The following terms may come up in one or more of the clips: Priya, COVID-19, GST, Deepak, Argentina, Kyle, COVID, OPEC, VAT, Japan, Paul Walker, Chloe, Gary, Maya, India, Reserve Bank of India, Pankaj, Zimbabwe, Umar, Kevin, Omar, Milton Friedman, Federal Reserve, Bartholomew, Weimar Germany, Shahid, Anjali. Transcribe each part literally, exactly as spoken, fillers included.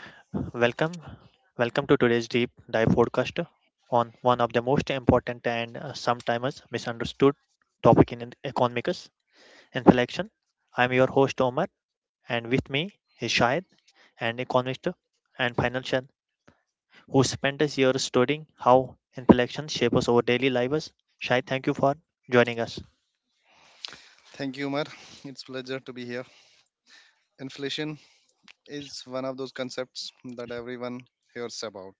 Welcome. Welcome to today's deep dive podcast on one of the most important and uh, sometimes misunderstood topic in economics and selection. I'm your host Omar, and with me is Shahid, an economist and financial who spent his years studying how inflation shapes our daily lives. Shahid, thank you for joining us. Thank you, Umar. It's pleasure to be here. Inflation is one of those concepts that everyone hears about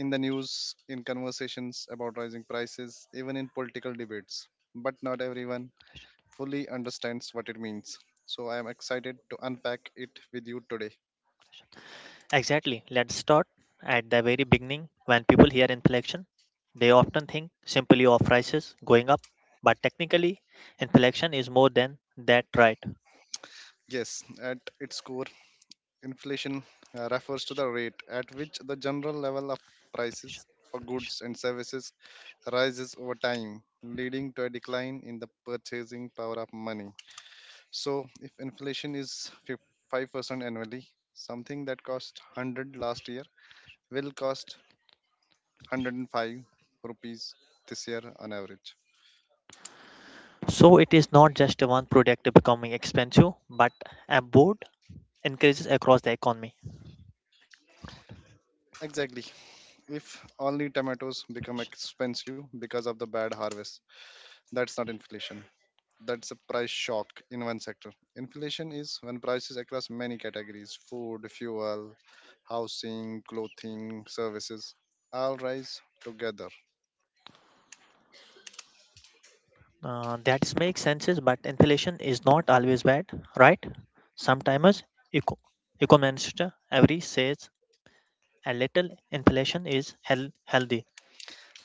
in the news, in conversations about rising prices, even in political debates. But not everyone fully understands what it means. So I am excited to unpack it with you today. Exactly. Let's start at the very beginning. When people hear inflation, they often think simply of prices going up, but technically, inflation is more than that, right? Yes, at its core, inflation uh, refers to the rate at which the general level of prices for goods and services rises over time, leading to a decline in the purchasing power of money. So, if inflation is five percent annually, something that cost one hundred last year will cost one hundred five rupees this year on average. So it is not just one product becoming expensive, but a broad increases across the economy. Exactly. If only tomatoes become expensive because of the bad harvest, that's not inflation. That's a price shock in one sector. Inflation is when prices across many categories food, fuel, housing, clothing, services all rise together. Uh, that makes sense, but inflation is not always bad, right? Sometimes eco- economists every says a little inflation is health healthy.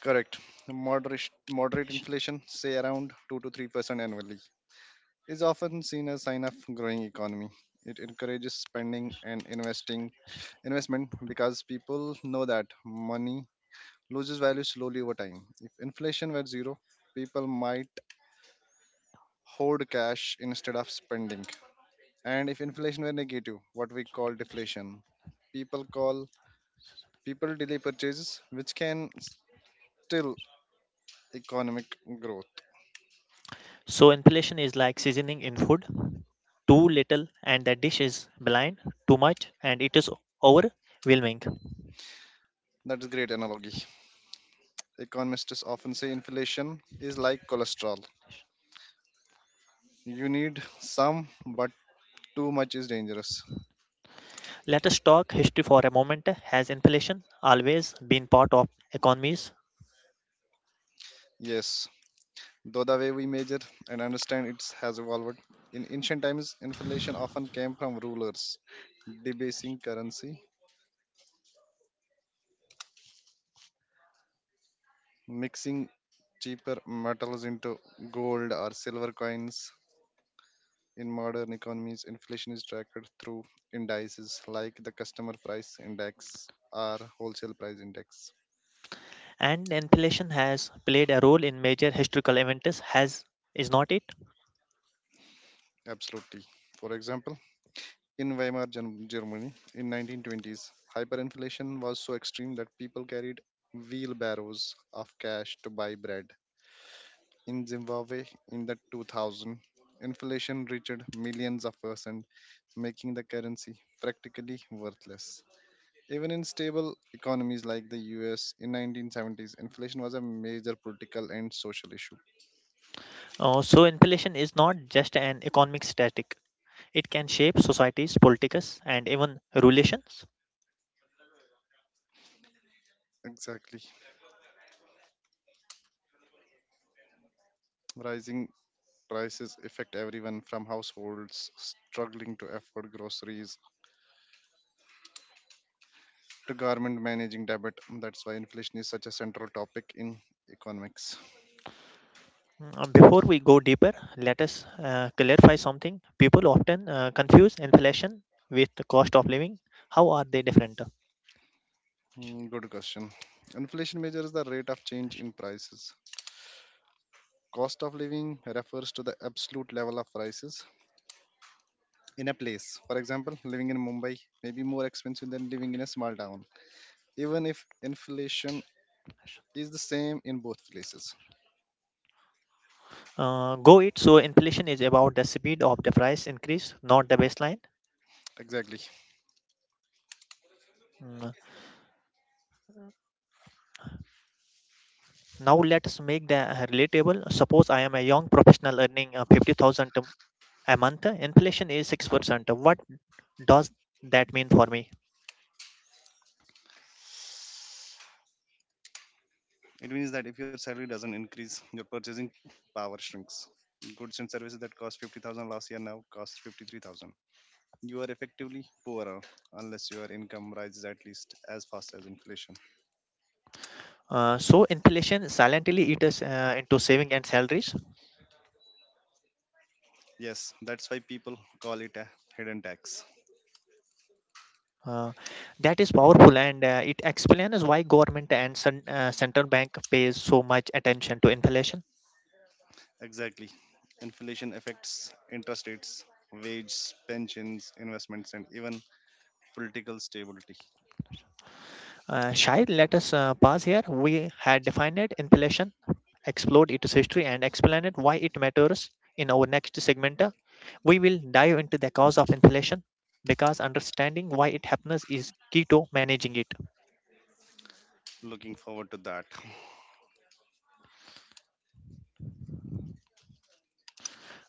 Correct. Moderate, moderate Inflation. inflation, say around two to three percent annually, is often seen as sign of growing economy. It encourages spending and investing investment because people know that money loses value slowly over time. If inflation were zero, people might hoard cash instead of spending. And if inflation were negative, what we call deflation, people call people delay purchases, which can still economic growth. So inflation is like seasoning in food. Too little and the dish is blind. Too much and it is overwhelming. That is great analogy. Economists often say inflation is like cholesterol. You need some, but too much is dangerous. Let us talk history for a moment. Has inflation always been part of economies? Yes, though the way we measure and understand it has evolved. In ancient times, inflation often came from rulers debasing currency mixing cheaper metals into gold or silver coins. In modern economies, inflation is tracked through indices like the customer price index or wholesale price index. And inflation has played a role in major historical events, has is not it. Absolutely. For example, in Weimar Gen- Germany in nineteen twenties, hyperinflation was so extreme that people carried wheelbarrows of cash to buy bread. In Zimbabwe in the two thousand, inflation reached millions of percent, making the currency practically worthless. Even in stable economies like the U S in nineteen seventies, inflation was a major political and social issue. Uh, so inflation is not just an economic static, it can shape societies, politics, and even relations. Exactly. Rising prices affect everyone from households struggling to afford groceries to government managing debt. That's why inflation is such a central topic in economics. Mm, before we go deeper, let us uh, clarify something. People often uh, confuse inflation with the cost of living. How are they different, uh, Hmm, good question. Inflation measures the rate of change in prices. Cost of living refers to the absolute level of prices in a place. For example, living in Mumbai may be more expensive than living in a small town, even if inflation is the same in both places. go it. So inflation is about the speed of the price increase, not the baseline. Exactly. Mm, now let's make the uh, relatable. Suppose I am a young professional earning uh, fifty thousand a month. Inflation is six percent. What does that mean for me? It means that if your salary doesn't increase, your purchasing power shrinks. Goods and services that cost fifty thousand last year now cost fifty-three thousand. You are effectively poorer unless your income rises at least as fast as inflation. Uh, so inflation silently eats uh, into saving and salaries. Yes, that's why people call it a hidden tax. Uh, that is powerful, and uh, it explains why government and cen- uh, central bank pays so much attention to inflation. Exactly. Inflation affects interest rates, wages, pensions, investments, and even political stability. Uh, Shai, let us uh, pause here. We had defined inflation, explored its history, and explained why it matters. In our next segment, uh, we will dive into the cause of inflation because understanding why it happens is key to managing it. Looking forward to that.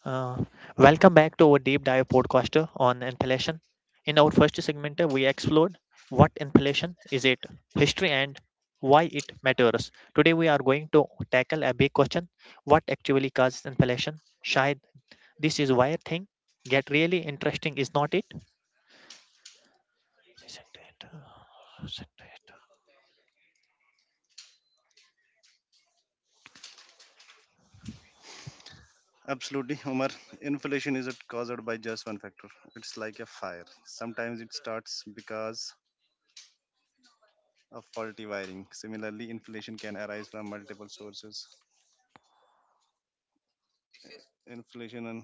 Uh, welcome back to our deep dive podcast uh, on inflation. In our first segment, uh, we explored what inflation is, it, history, and why it matters. Today, we are going to tackle a big question: what actually causes inflation? Shayad, this is where thing get really interesting, is not it? Absolutely, Omar. Inflation isn't caused by just one factor, it's like a fire. Sometimes it starts because of faulty wiring. Similarly, inflation can arise from multiple sources. Inflation and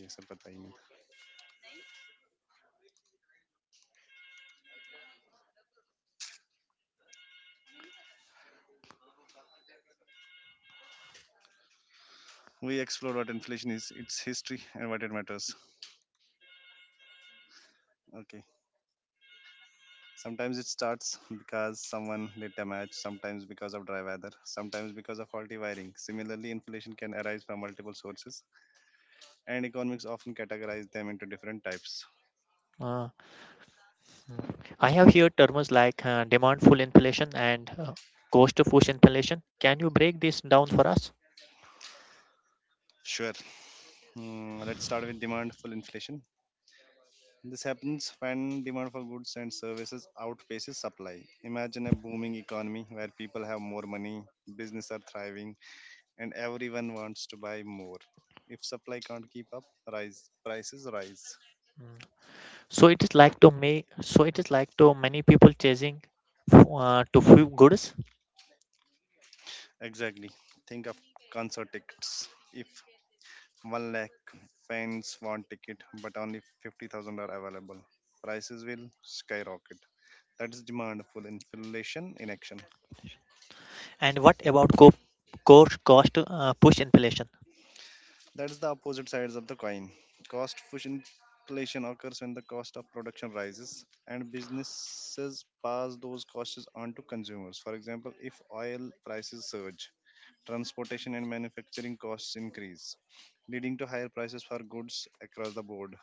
yes, sir, पता ही नहीं. We explore what inflation is, its history, and what it matters. Okay. Sometimes it starts because someone lit a match, sometimes because of dry weather, sometimes because of faulty wiring. Similarly, inflation can arise from multiple sources, and economics often categorize them into different types. Uh, I have heard terms like uh, demand pull inflation and uh, cost push inflation. Can you break this down for us? Sure. Hmm, let's start with demand for inflation. This happens when demand for goods and services outpaces supply. Imagine a booming economy where people have more money, business are thriving, and everyone wants to buy more. If supply can't keep up, rise prices rise. So it is like to me. So it is like to many people chasing uh, to few goods. Exactly. Think of concert tickets. If one lakh fans want ticket but only fifty thousand are available, prices will skyrocket. That is demand full inflation in action. And what about co- core cost uh, push inflation? That is the opposite sides of the coin. Cost push inflation occurs when the cost of production rises and businesses pass those costs on to consumers. For example, if oil prices surge, transportation and manufacturing costs increase leading to higher prices for goods across the board.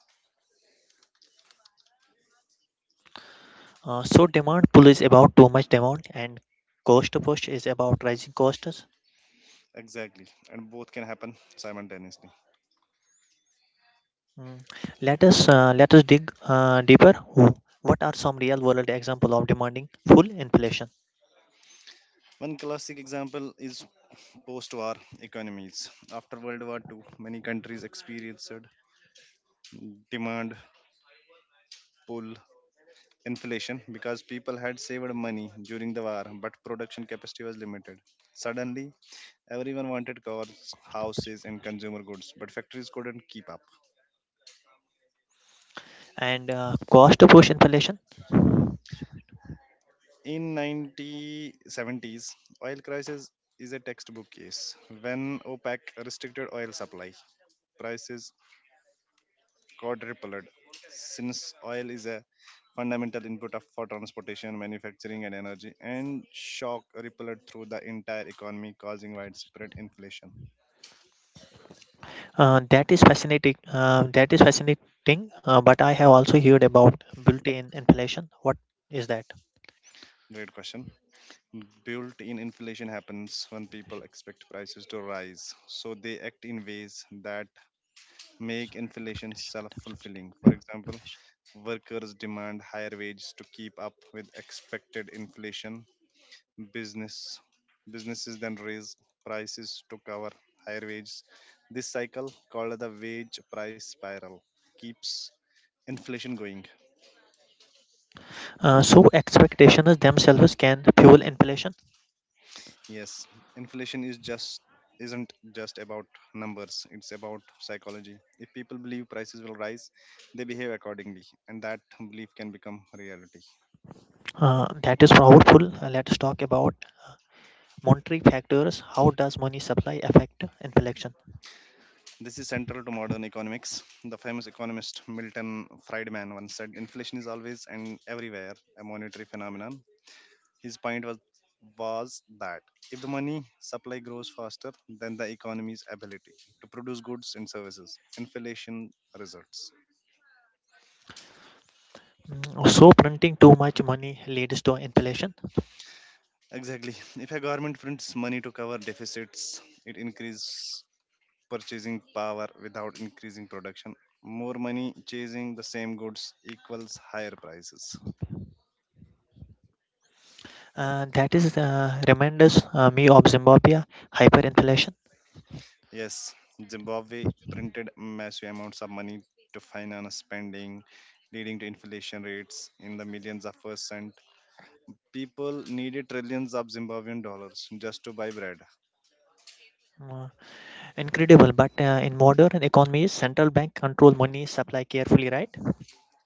Uh, so demand pull is about too much demand, and cost push is about rising costs. Exactly, and both can happen simultaneously. Mm. Let us uh, let us dig uh, deeper. Wh- What are some real world example of demanding full inflation? One classic example is post war economies. After World War Two, many countries experienced demand pull inflation because people had saved money during the war, but production capacity was limited. Suddenly, everyone wanted cars, houses, and consumer goods, but factories couldn't keep up. And uh, cost push inflation. In nineteen seventies, oil crisis is a textbook case when OPEC restricted oil supply. Prices quadrupled since oil is a fundamental input of, for transportation, manufacturing, and energy, and shock rippled through the entire economy, causing That's widespread fascinating. inflation. Uh, that is fascinating uh, that is fascinating uh, But I have also heard about built-in inflation, what is that? Great question. Built in inflation happens when people expect prices to rise, so they act in ways that make inflation self fulfilling. For So example, workers demand higher wages to keep up with expected inflation business businesses then raise prices to cover higher wages. This cycle called the wage price spiral keeps inflation going. uh, so expectations themselves can fuel inflation. Yes, inflation is just isn't just about numbers, it's about psychology. If people believe prices will rise, they behave accordingly, and that belief can become reality. Uh, that is powerful. Uh, let's talk about monetary factors, how does money supply affect inflation? This is central to modern economics. The famous economist Milton Friedman once said, Inflation is always and everywhere a monetary phenomenon. His point was was that if the money supply grows faster than the economy's ability to produce goods and services, inflation results. Mm, so printing too much money leads to inflation. Exactly. If a government prints money to cover deficits, it increases purchasing power without increasing production. More money chasing the same goods equals higher prices. Uh, that is uh, reminds uh, me of Zimbabwe hyperinflation. Yes, Zimbabwe printed massive amounts of money to finance spending, leading to inflation rates in the millions of percent. People needed trillions of Zimbabwean dollars just to buy bread. Mm, incredible, but uh, in modern economies, central bank control money supply carefully, right?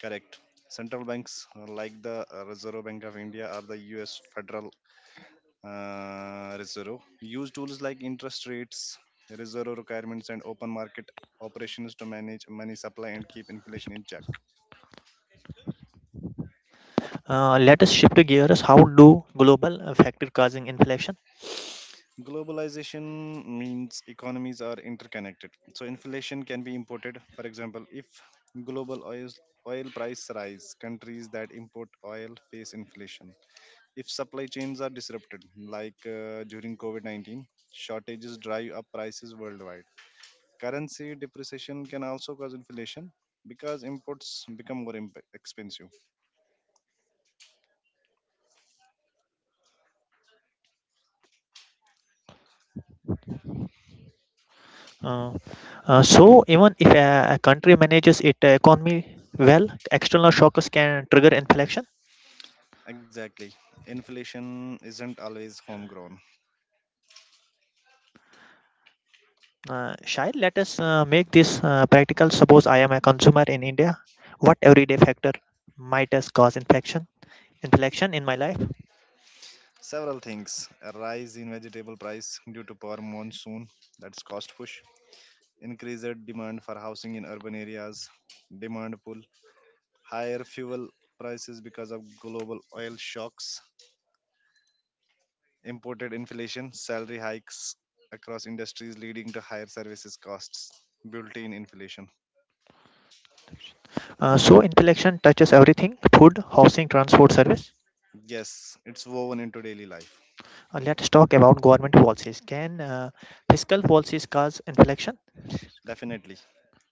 Correct. Central banks uh, like the uh, Reserve Bank of India or the U S Federal uh, Reserve use tools like interest rates, reserve requirements, and open market operations to manage money supply and keep inflation in check. Uh, let us shift gears. How do global uh, factor causing inflation? Globalization means economies are interconnected, so inflation can be imported. For example, if global oil oil price rise, countries that import oil face inflation. If supply chains are disrupted, like uh, during COVID nineteen, shortages drive up prices worldwide. Currency depreciation can also cause inflation because imports become more imp- expensive. Uh, uh, so even if a, a country manages its economy well, external shocks can trigger inflation. Exactly. Inflation isn't always homegrown. Uh, Shai, let us uh, make this uh, practical. Suppose I am a consumer in India. What everyday factor might has cause infection? Inflection in my life. Several things a rise in vegetable price due to poor monsoon, that's cost push, increased demand for housing in urban areas, demand pull, higher fuel prices because of global oil shocks imported inflation, salary hikes across industries leading to higher services costs, built in inflation. Uh, so inflection touches everything: food, housing, transport, service. Yes, it's woven into daily life. Uh, let's talk about government policies. Can uh, fiscal policies cause inflection? Definitely.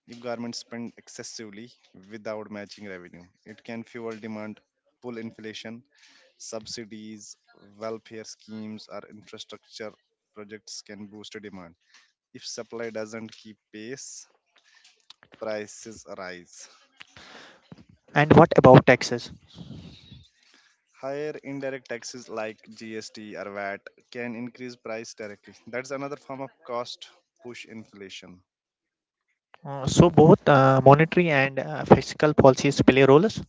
If governments spend excessively without matching revenue, it can fuel demand, pull inflation, subsidies, welfare schemes, or infrastructure projects can boost demand. If supply doesn't keep pace, prices rise. And what about taxes? Higher indirect taxes like G S T or V A T can increase price directly. That's another form of cost push inflation. Uh, so both uh, monetary and uh, fiscal policies play roles.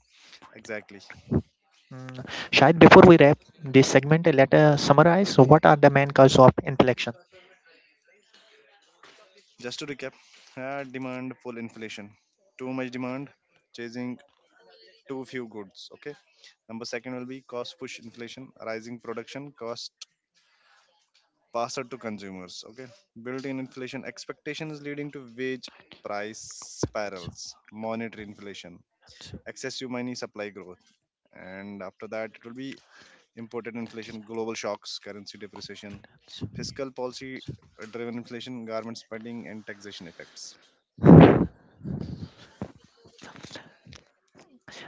Exactly. Mm, Shahid, before we wrap this segment, let us summarize what are the main causes of inflation. Just to recap, uh, demand pull inflation. Too much demand, chasing too few goods. Okay. Number second will be cost push inflation, rising production cost passed to consumers. Okay. Built-in inflation expectations leading to wage price spirals, monetary inflation excessive money supply growth. And after that, it will be imported inflation, global shocks, currency depreciation, fiscal policy driven inflation, government spending, and taxation effects.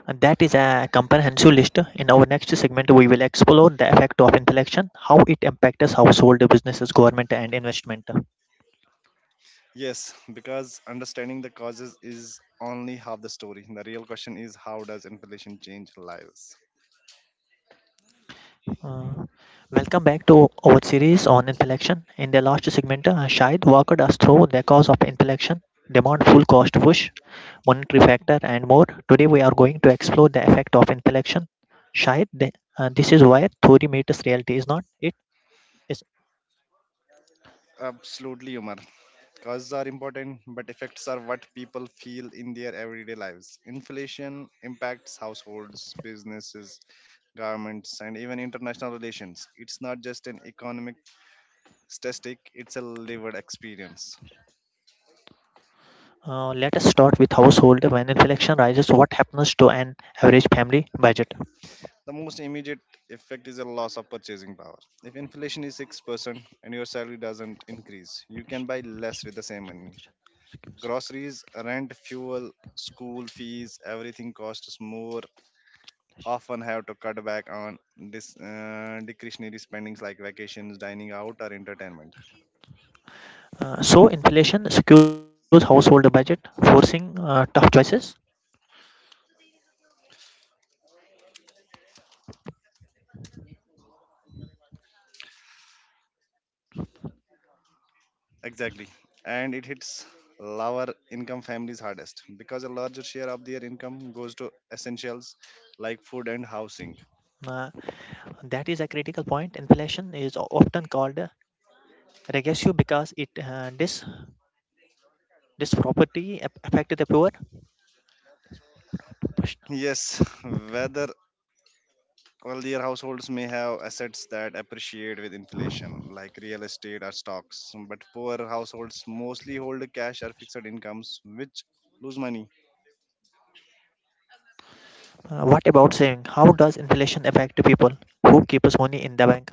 And that is a comprehensive list. In our next segment, we will explore the effect of inflation, how it impacts household, businesses, government, and investment. Yes, because understanding the causes is only half the story. The real question is how does inflation change lives? Uh, welcome back to our series on inflation. In the last segment, uh, Shahid walked us through the cause of inflation, demand, full cost push, monetary factor, and more. Today, we are going to explore the effect of inflation. Shahid, the, uh, this is why theory meets reality, is not it? Is Absolutely, Umar. Causes are important, but effects are what people feel in their everyday lives. Inflation impacts households, businesses, governments, and even international relations. It's not just an economic statistic, it's a lived experience. uh, let us start with household. When inflation rises, what happens to an average family budget? The most immediate effect is a loss of purchasing power. If inflation is six percent and your salary doesn't increase, you can buy less with the same money. Groceries, rent, fuel, school fees, everything costs more often have to cut back on dis, uh, discretionary spendings like vacations, dining out, or entertainment. Uh, so inflation secures household budget, forcing uh, tough choices. Exactly. And it hits lower income families hardest because a larger share of their income goes to essentials like food and housing. Uh, that is a critical point. Inflation is o- often called uh, regressive because it uh, dis disproperty ap- affect the poor. Yes, whether wealthier households may have assets that appreciate with inflation, like real estate or stocks, but poor households mostly hold cash or fixed incomes, which lose money. Uh, what about saving? How does inflation affect people who keeps money in the bank?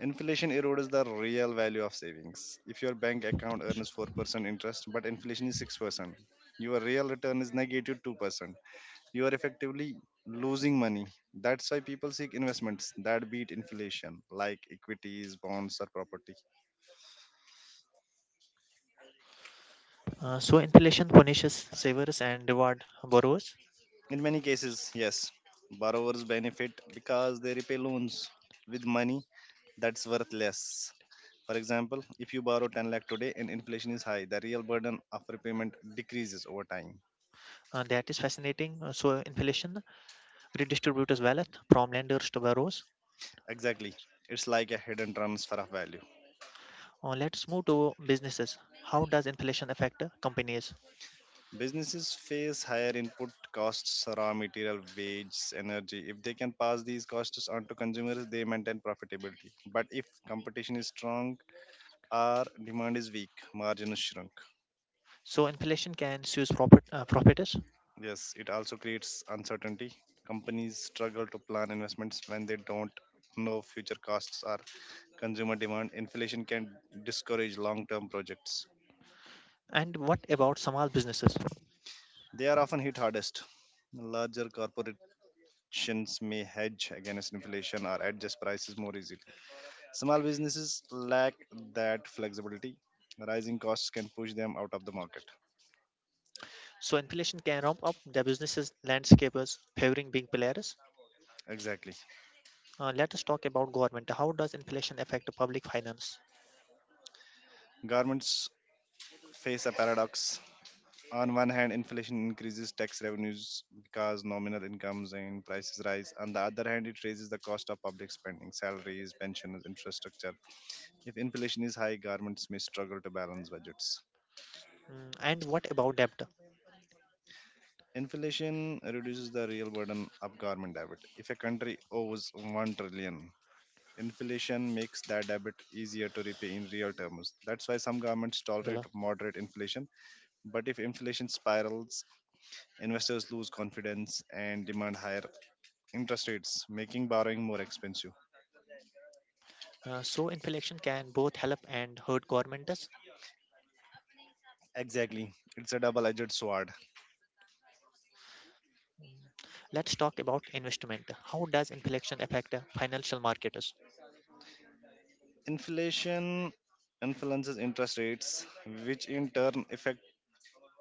Inflation erodes the real value of savings. If your bank account earns four percent interest but inflation is six percent, your real return is negative two percent. You are effectively losing money. That's why people seek investments that beat inflation, like equities, bonds, or property. Uh, so inflation punishes savers and reward borrowers. In many cases, yes, borrowers benefit because they repay loans with money that's worth less. For example, if you borrow ten lakh today and inflation is high, the real burden of repayment decreases over time. Uh, that is fascinating. Uh, so inflation redistributes wealth from lenders to borrowers. Exactly. It's like a hidden transfer of value. Uh, let's move to businesses. How does inflation affect uh, companies? Businesses face higher input costs, raw material, wages, energy. If they can pass these costs on to consumers, they maintain profitability. But if competition is strong or demand is weak, margins shrink. So inflation can seize profit, uh, properties. Yes, it also creates uncertainty. Companies struggle to plan investments when they don't know future costs or consumer demand. Inflation can discourage long term projects. And what about small businesses? They are often hit hardest. Larger corporate actions may hedge against inflation or adjust prices more easily. Small businesses lack that flexibility. Rising costs can push them out of the market. So inflation can ramp up the businesses landscapers favoring big players. Exactly. Uh, let us talk about government. How does inflation affect public finance? Governments face a paradox. On one hand, inflation increases tax revenues because nominal incomes and prices rise. On the other hand, it raises the cost of public spending, salaries, pensions, infrastructure. If inflation is high, governments may struggle to balance budgets. Mm, and what about debt, Inflation reduces the real burden of government debt. If a country owes one trillion, inflation makes that debt easier to repay in real terms. That's why some governments tolerate Bila? moderate inflation, but if inflation spirals, investors lose confidence and demand higher interest rates, making borrowing more expensive. Uh, so inflation can both help and hurt governments. Exactly. It's a double-edged sword. Mm, let's talk about investment. How does inflation affect uh, financial markets? Inflation influences interest rates, which in turn affect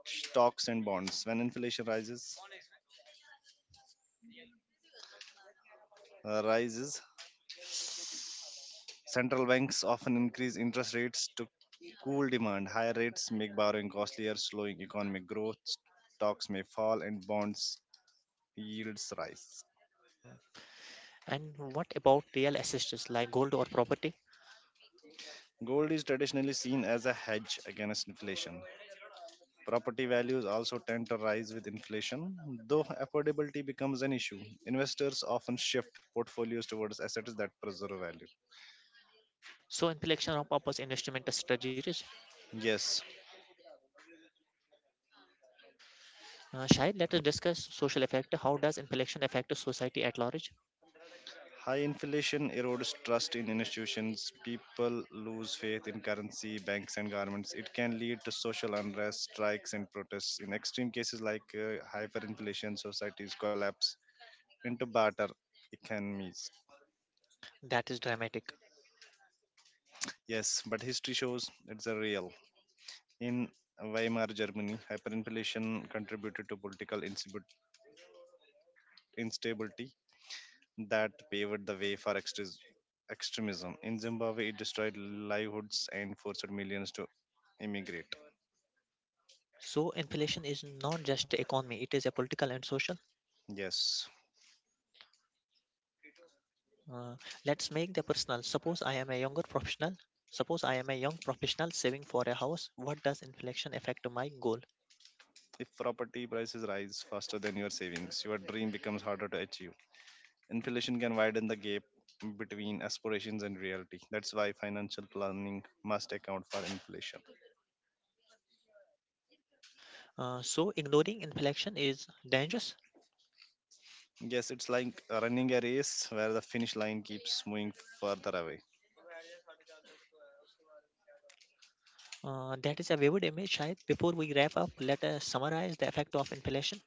stocks and bonds. When inflation rises, uh, rises central banks often increase interest rates to cool demand. Higher rates make borrowing costlier, slowing economic growth. Stocks may fall and bonds yields rise. Mm. And what about real assets like gold or property? Gold is traditionally seen as a hedge against inflation. Property values also tend to rise with inflation, though affordability becomes an issue. Investors often shift portfolios towards assets that preserve value. So in inflation of purpose investment strategies. Yes. Uh, Shahid, let us discuss social effect. How does inflation affect society at large? High inflation erodes trust in institutions. People lose faith in currency, banks, and governments. It can lead to social unrest, strikes, and protests. In extreme cases like uh, hyperinflation, societies collapse into barter economies. That is dramatic. Yes, but history shows it's a real. In Weimar Germany, hyperinflation contributed to political instabi- instability that paved the way for extremis- extremism. In Zimbabwe, it destroyed livelihoods and forced millions to immigrate. So inflation is not just economy; it is a political and social. Yes, Uh, let's make the personal. Suppose I am a younger professional. Suppose I am a young professional saving for a house. What does inflation affect my goal? if property prices rise faster than your savings, your dream becomes harder to achieve. Inflation can widen the gap between aspirations and reality. That's why financial planning must account for inflation. Uh, so ignoring inflation is dangerous. Yes, it's like running a race where the finish line keeps moving further away. Uh, that is a vivid image, Shayad. Before we wrap up, let us summarize the effect of inflation.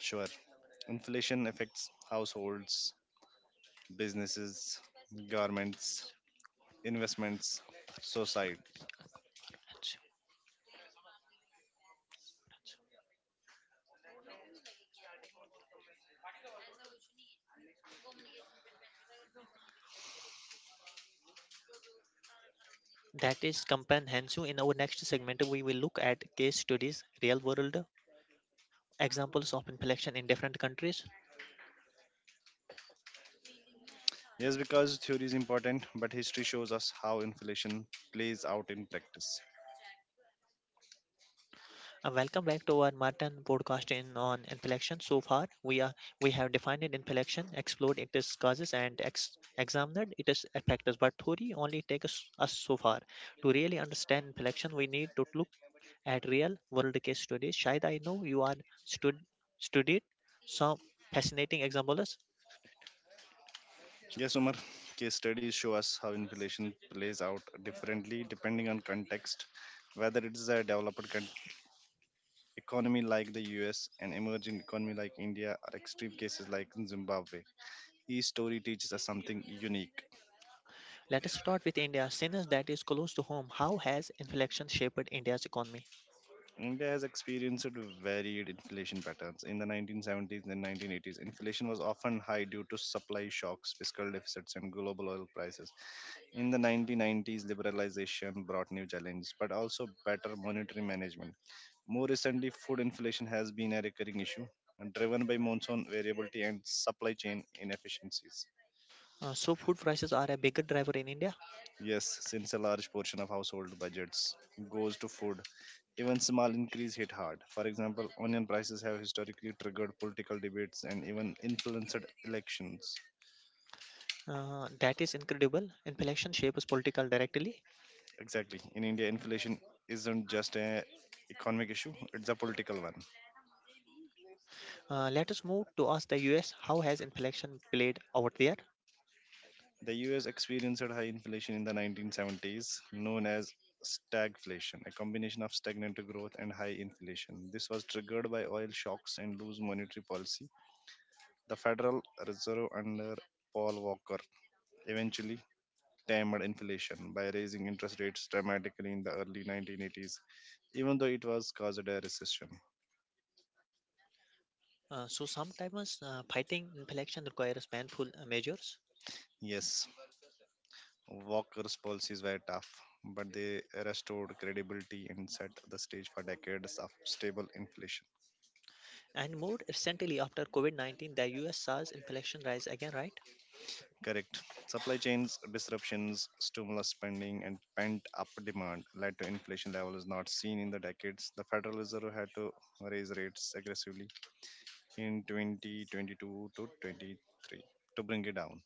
Sure, inflation affects households, businesses, governments, investments, society. That is comprehensive. In our next segment, we will look at case studies, real world examples of inflation in different countries, Yes, because theory is important, but history shows us how inflation plays out in practice. and welcome back to our Martin podcast in on inflection. So far, we are we have defined it inflection, explored its causes, and ex- examined its effects. But theory only takes us so far. To really understand inflection, we need to look at real world case studies. Shayad, I know you are stud- studied some fascinating examples. Yes, Umar, case studies show us how inflation plays out differently depending on context, whether it is a developed coun- economy like the U S, an emerging economy like India, or extreme cases like in Zimbabwe. Each story teaches us something unique. Let us start with India, since that is close to home. How has inflation shaped India's economy? India has experienced varied inflation patterns. In the nineteen seventies and nineteen eighties, inflation was often high due to supply shocks, fiscal deficits, and global oil prices. In the nineteen nineties, liberalization brought new challenges, but also better monetary management. More recently, food inflation has been a recurring issue, driven by monsoon variability and supply chain inefficiencies. Uh, so, food prices are a bigger driver in India. Yes, since a large portion of household budgets goes to food, even small increase hit hard. For example, onion prices have historically triggered political debates and even influenced elections. Uh, that is incredible. Inflation shapes political directly. Exactly. In India, inflation isn't just an economic issue, it's a political one. Uh, let us move to ask the U S, how has inflation played out there? The U S experienced high inflation in the nineteen seventies, known as stagflation, a combination of stagnant growth and high inflation. This was triggered by oil shocks and loose monetary policy. The Federal Reserve under Paul Walker eventually tamed inflation by raising interest rates dramatically in the early nineteen eighties, even though it was caused a recession. Uh, so sometimes uh, fighting inflation requires painful uh, measures. Yes, Walker's policies were tough, but they restored credibility and set the stage for decades of stable inflation. And more recently, after COVID nineteen, the U S saw inflation rise again, right? Correct. Supply chains disruptions, stimulus spending, and pent up demand led to inflation levels not seen in the decades. The Federal Reserve had to raise rates aggressively in twenty twenty-two to twenty-three to bring it down.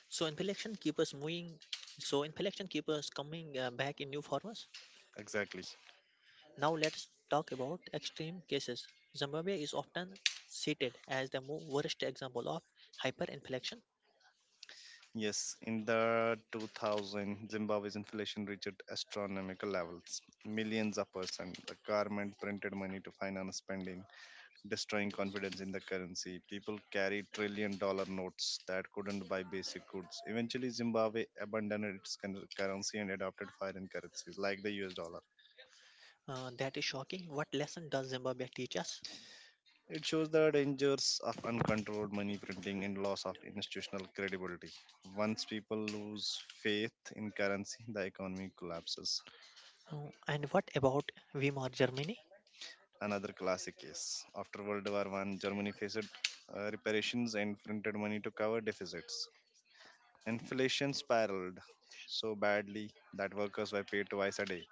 So inflation keeps us moving. So inflation keeps us coming uh, back in new forms. Exactly. Now let's talk about extreme cases. Zimbabwe is often cited as the mo- worst example of hyperinflation. Yes, in the two thousand, Zimbabwe's inflation reached astronomical levels. Millions of persons. The government printed money to finance spending, destroying confidence in the currency. People carried trillion dollar notes that couldn't buy basic goods. Eventually, Zimbabwe abandoned its cur- currency and adopted foreign currencies like the U S dollar. Uh, that is shocking. What lesson does Zimbabwe teach us? It shows the dangers of uncontrolled money printing and loss of institutional credibility. Once people lose faith in currency, the economy collapses. Uh, and what about Weimar Germany? Another classic case. After World War One, Germany faced uh, reparations and printed money to cover deficits. Inflation spiraled so badly that workers were paid twice a day,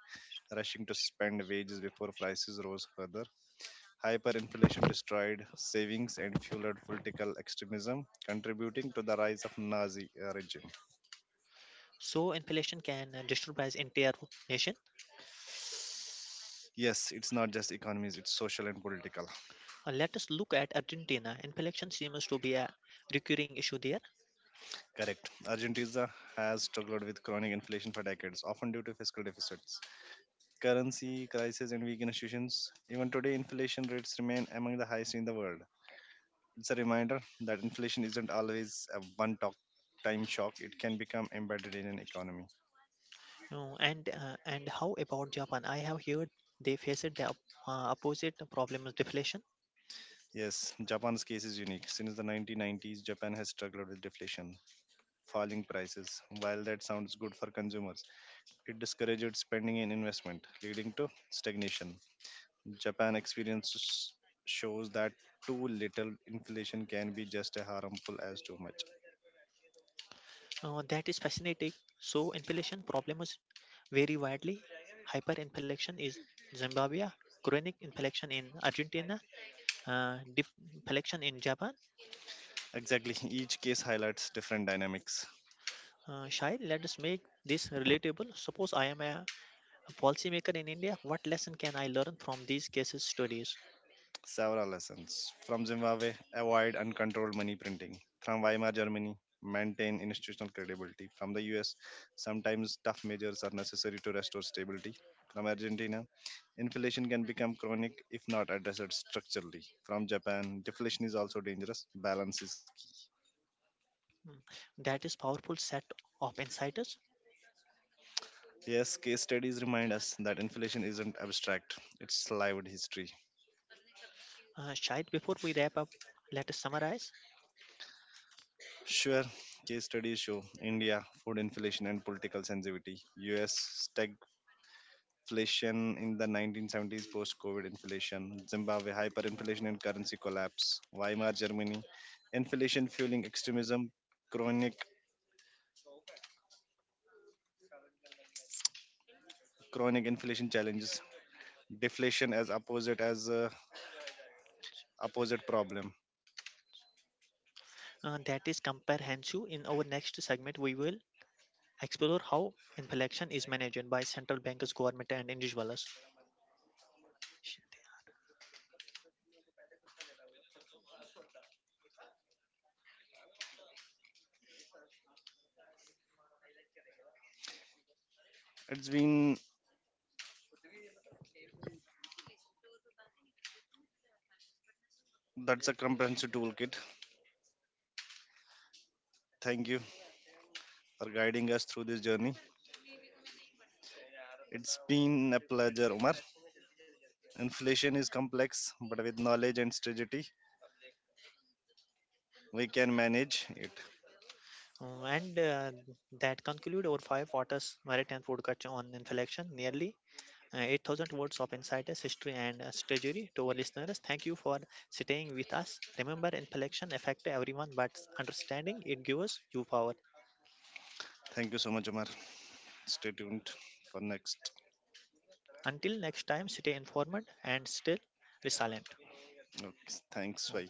rushing to spend wages before prices rose further. Hyperinflation destroyed savings and fueled political extremism, contributing to the rise of Nazi uh, regime. So inflation can uh, destabilize entire nation. Yes, it's not just economies, it's social and political. Uh, let us look at Argentina. Inflation seems to be a recurring issue there. Correct. Argentina has struggled with chronic inflation for decades, often due to fiscal deficits, currency crisis, and weak institutions. Even today, inflation rates remain among the highest in the world. It's a reminder that inflation isn't always a one talk time shock, it can become embedded in an economy. Uh, and uh, and how about Japan? I have heard they faced the op- uh, opposite problem of deflation. Yes, Japan's case is unique. Since the nineteen nineties, Japan has struggled with deflation, falling prices. While that sounds good for consumers, it discouraged spending and investment, leading to stagnation. Japan experience s- shows that too little inflation can be just as harmful as too much. Uh, that is fascinating. So inflation problems vary widely. Hyperinflation is Zimbabwe, chronic inflation in Argentina, uh, dif- election in Japan. Exactly, each case highlights different dynamics. Uh, Shai, let us make this relatable. Suppose I am a policymaker in India. What lesson can I learn from these cases studies? Several lessons: from Zimbabwe, avoid uncontrolled money printing; from Weimar Germany, maintain institutional credibility; from the U S, sometimes tough measures are necessary to restore stability; from Argentina, inflation can become chronic if not addressed structurally; from Japan, deflation is also dangerous, balance is key. Hmm, that is powerful set of insiders. Yes, case studies remind us that inflation isn't abstract, it's lived history. Uh, Shai, before we wrap up, let us summarize. Sure, case studies show India, food inflation and political sensitivity; U S, inflation in the nineteen seventies post COVID inflation; Zimbabwe, hyperinflation and currency collapse; Weimar Germany, inflation fueling extremism; chronic chronic inflation challenges; deflation as opposite as a opposite problem. Uh, that is comprehensive. In our next segment, we will explore how inflation is managed by central banks, government, and individuals. Sh- It's been that's a comprehensive toolkit. Thank you for guiding us through this journey. It's been a pleasure, Umar. Inflation is complex, but with knowledge and strategy, we can manage it. uh, and uh, That conclude our five waters maritime food on inflation nearly uh, eight thousand words of insiders, history, and uh, strategy to our listeners. Thank you for staying with us. Remember, inflection affects everyone, but understanding it gives you power. Thank you so much, Umar. Stay tuned for next. Until next time, stay informed and still resilient. Okay, thanks. Bye.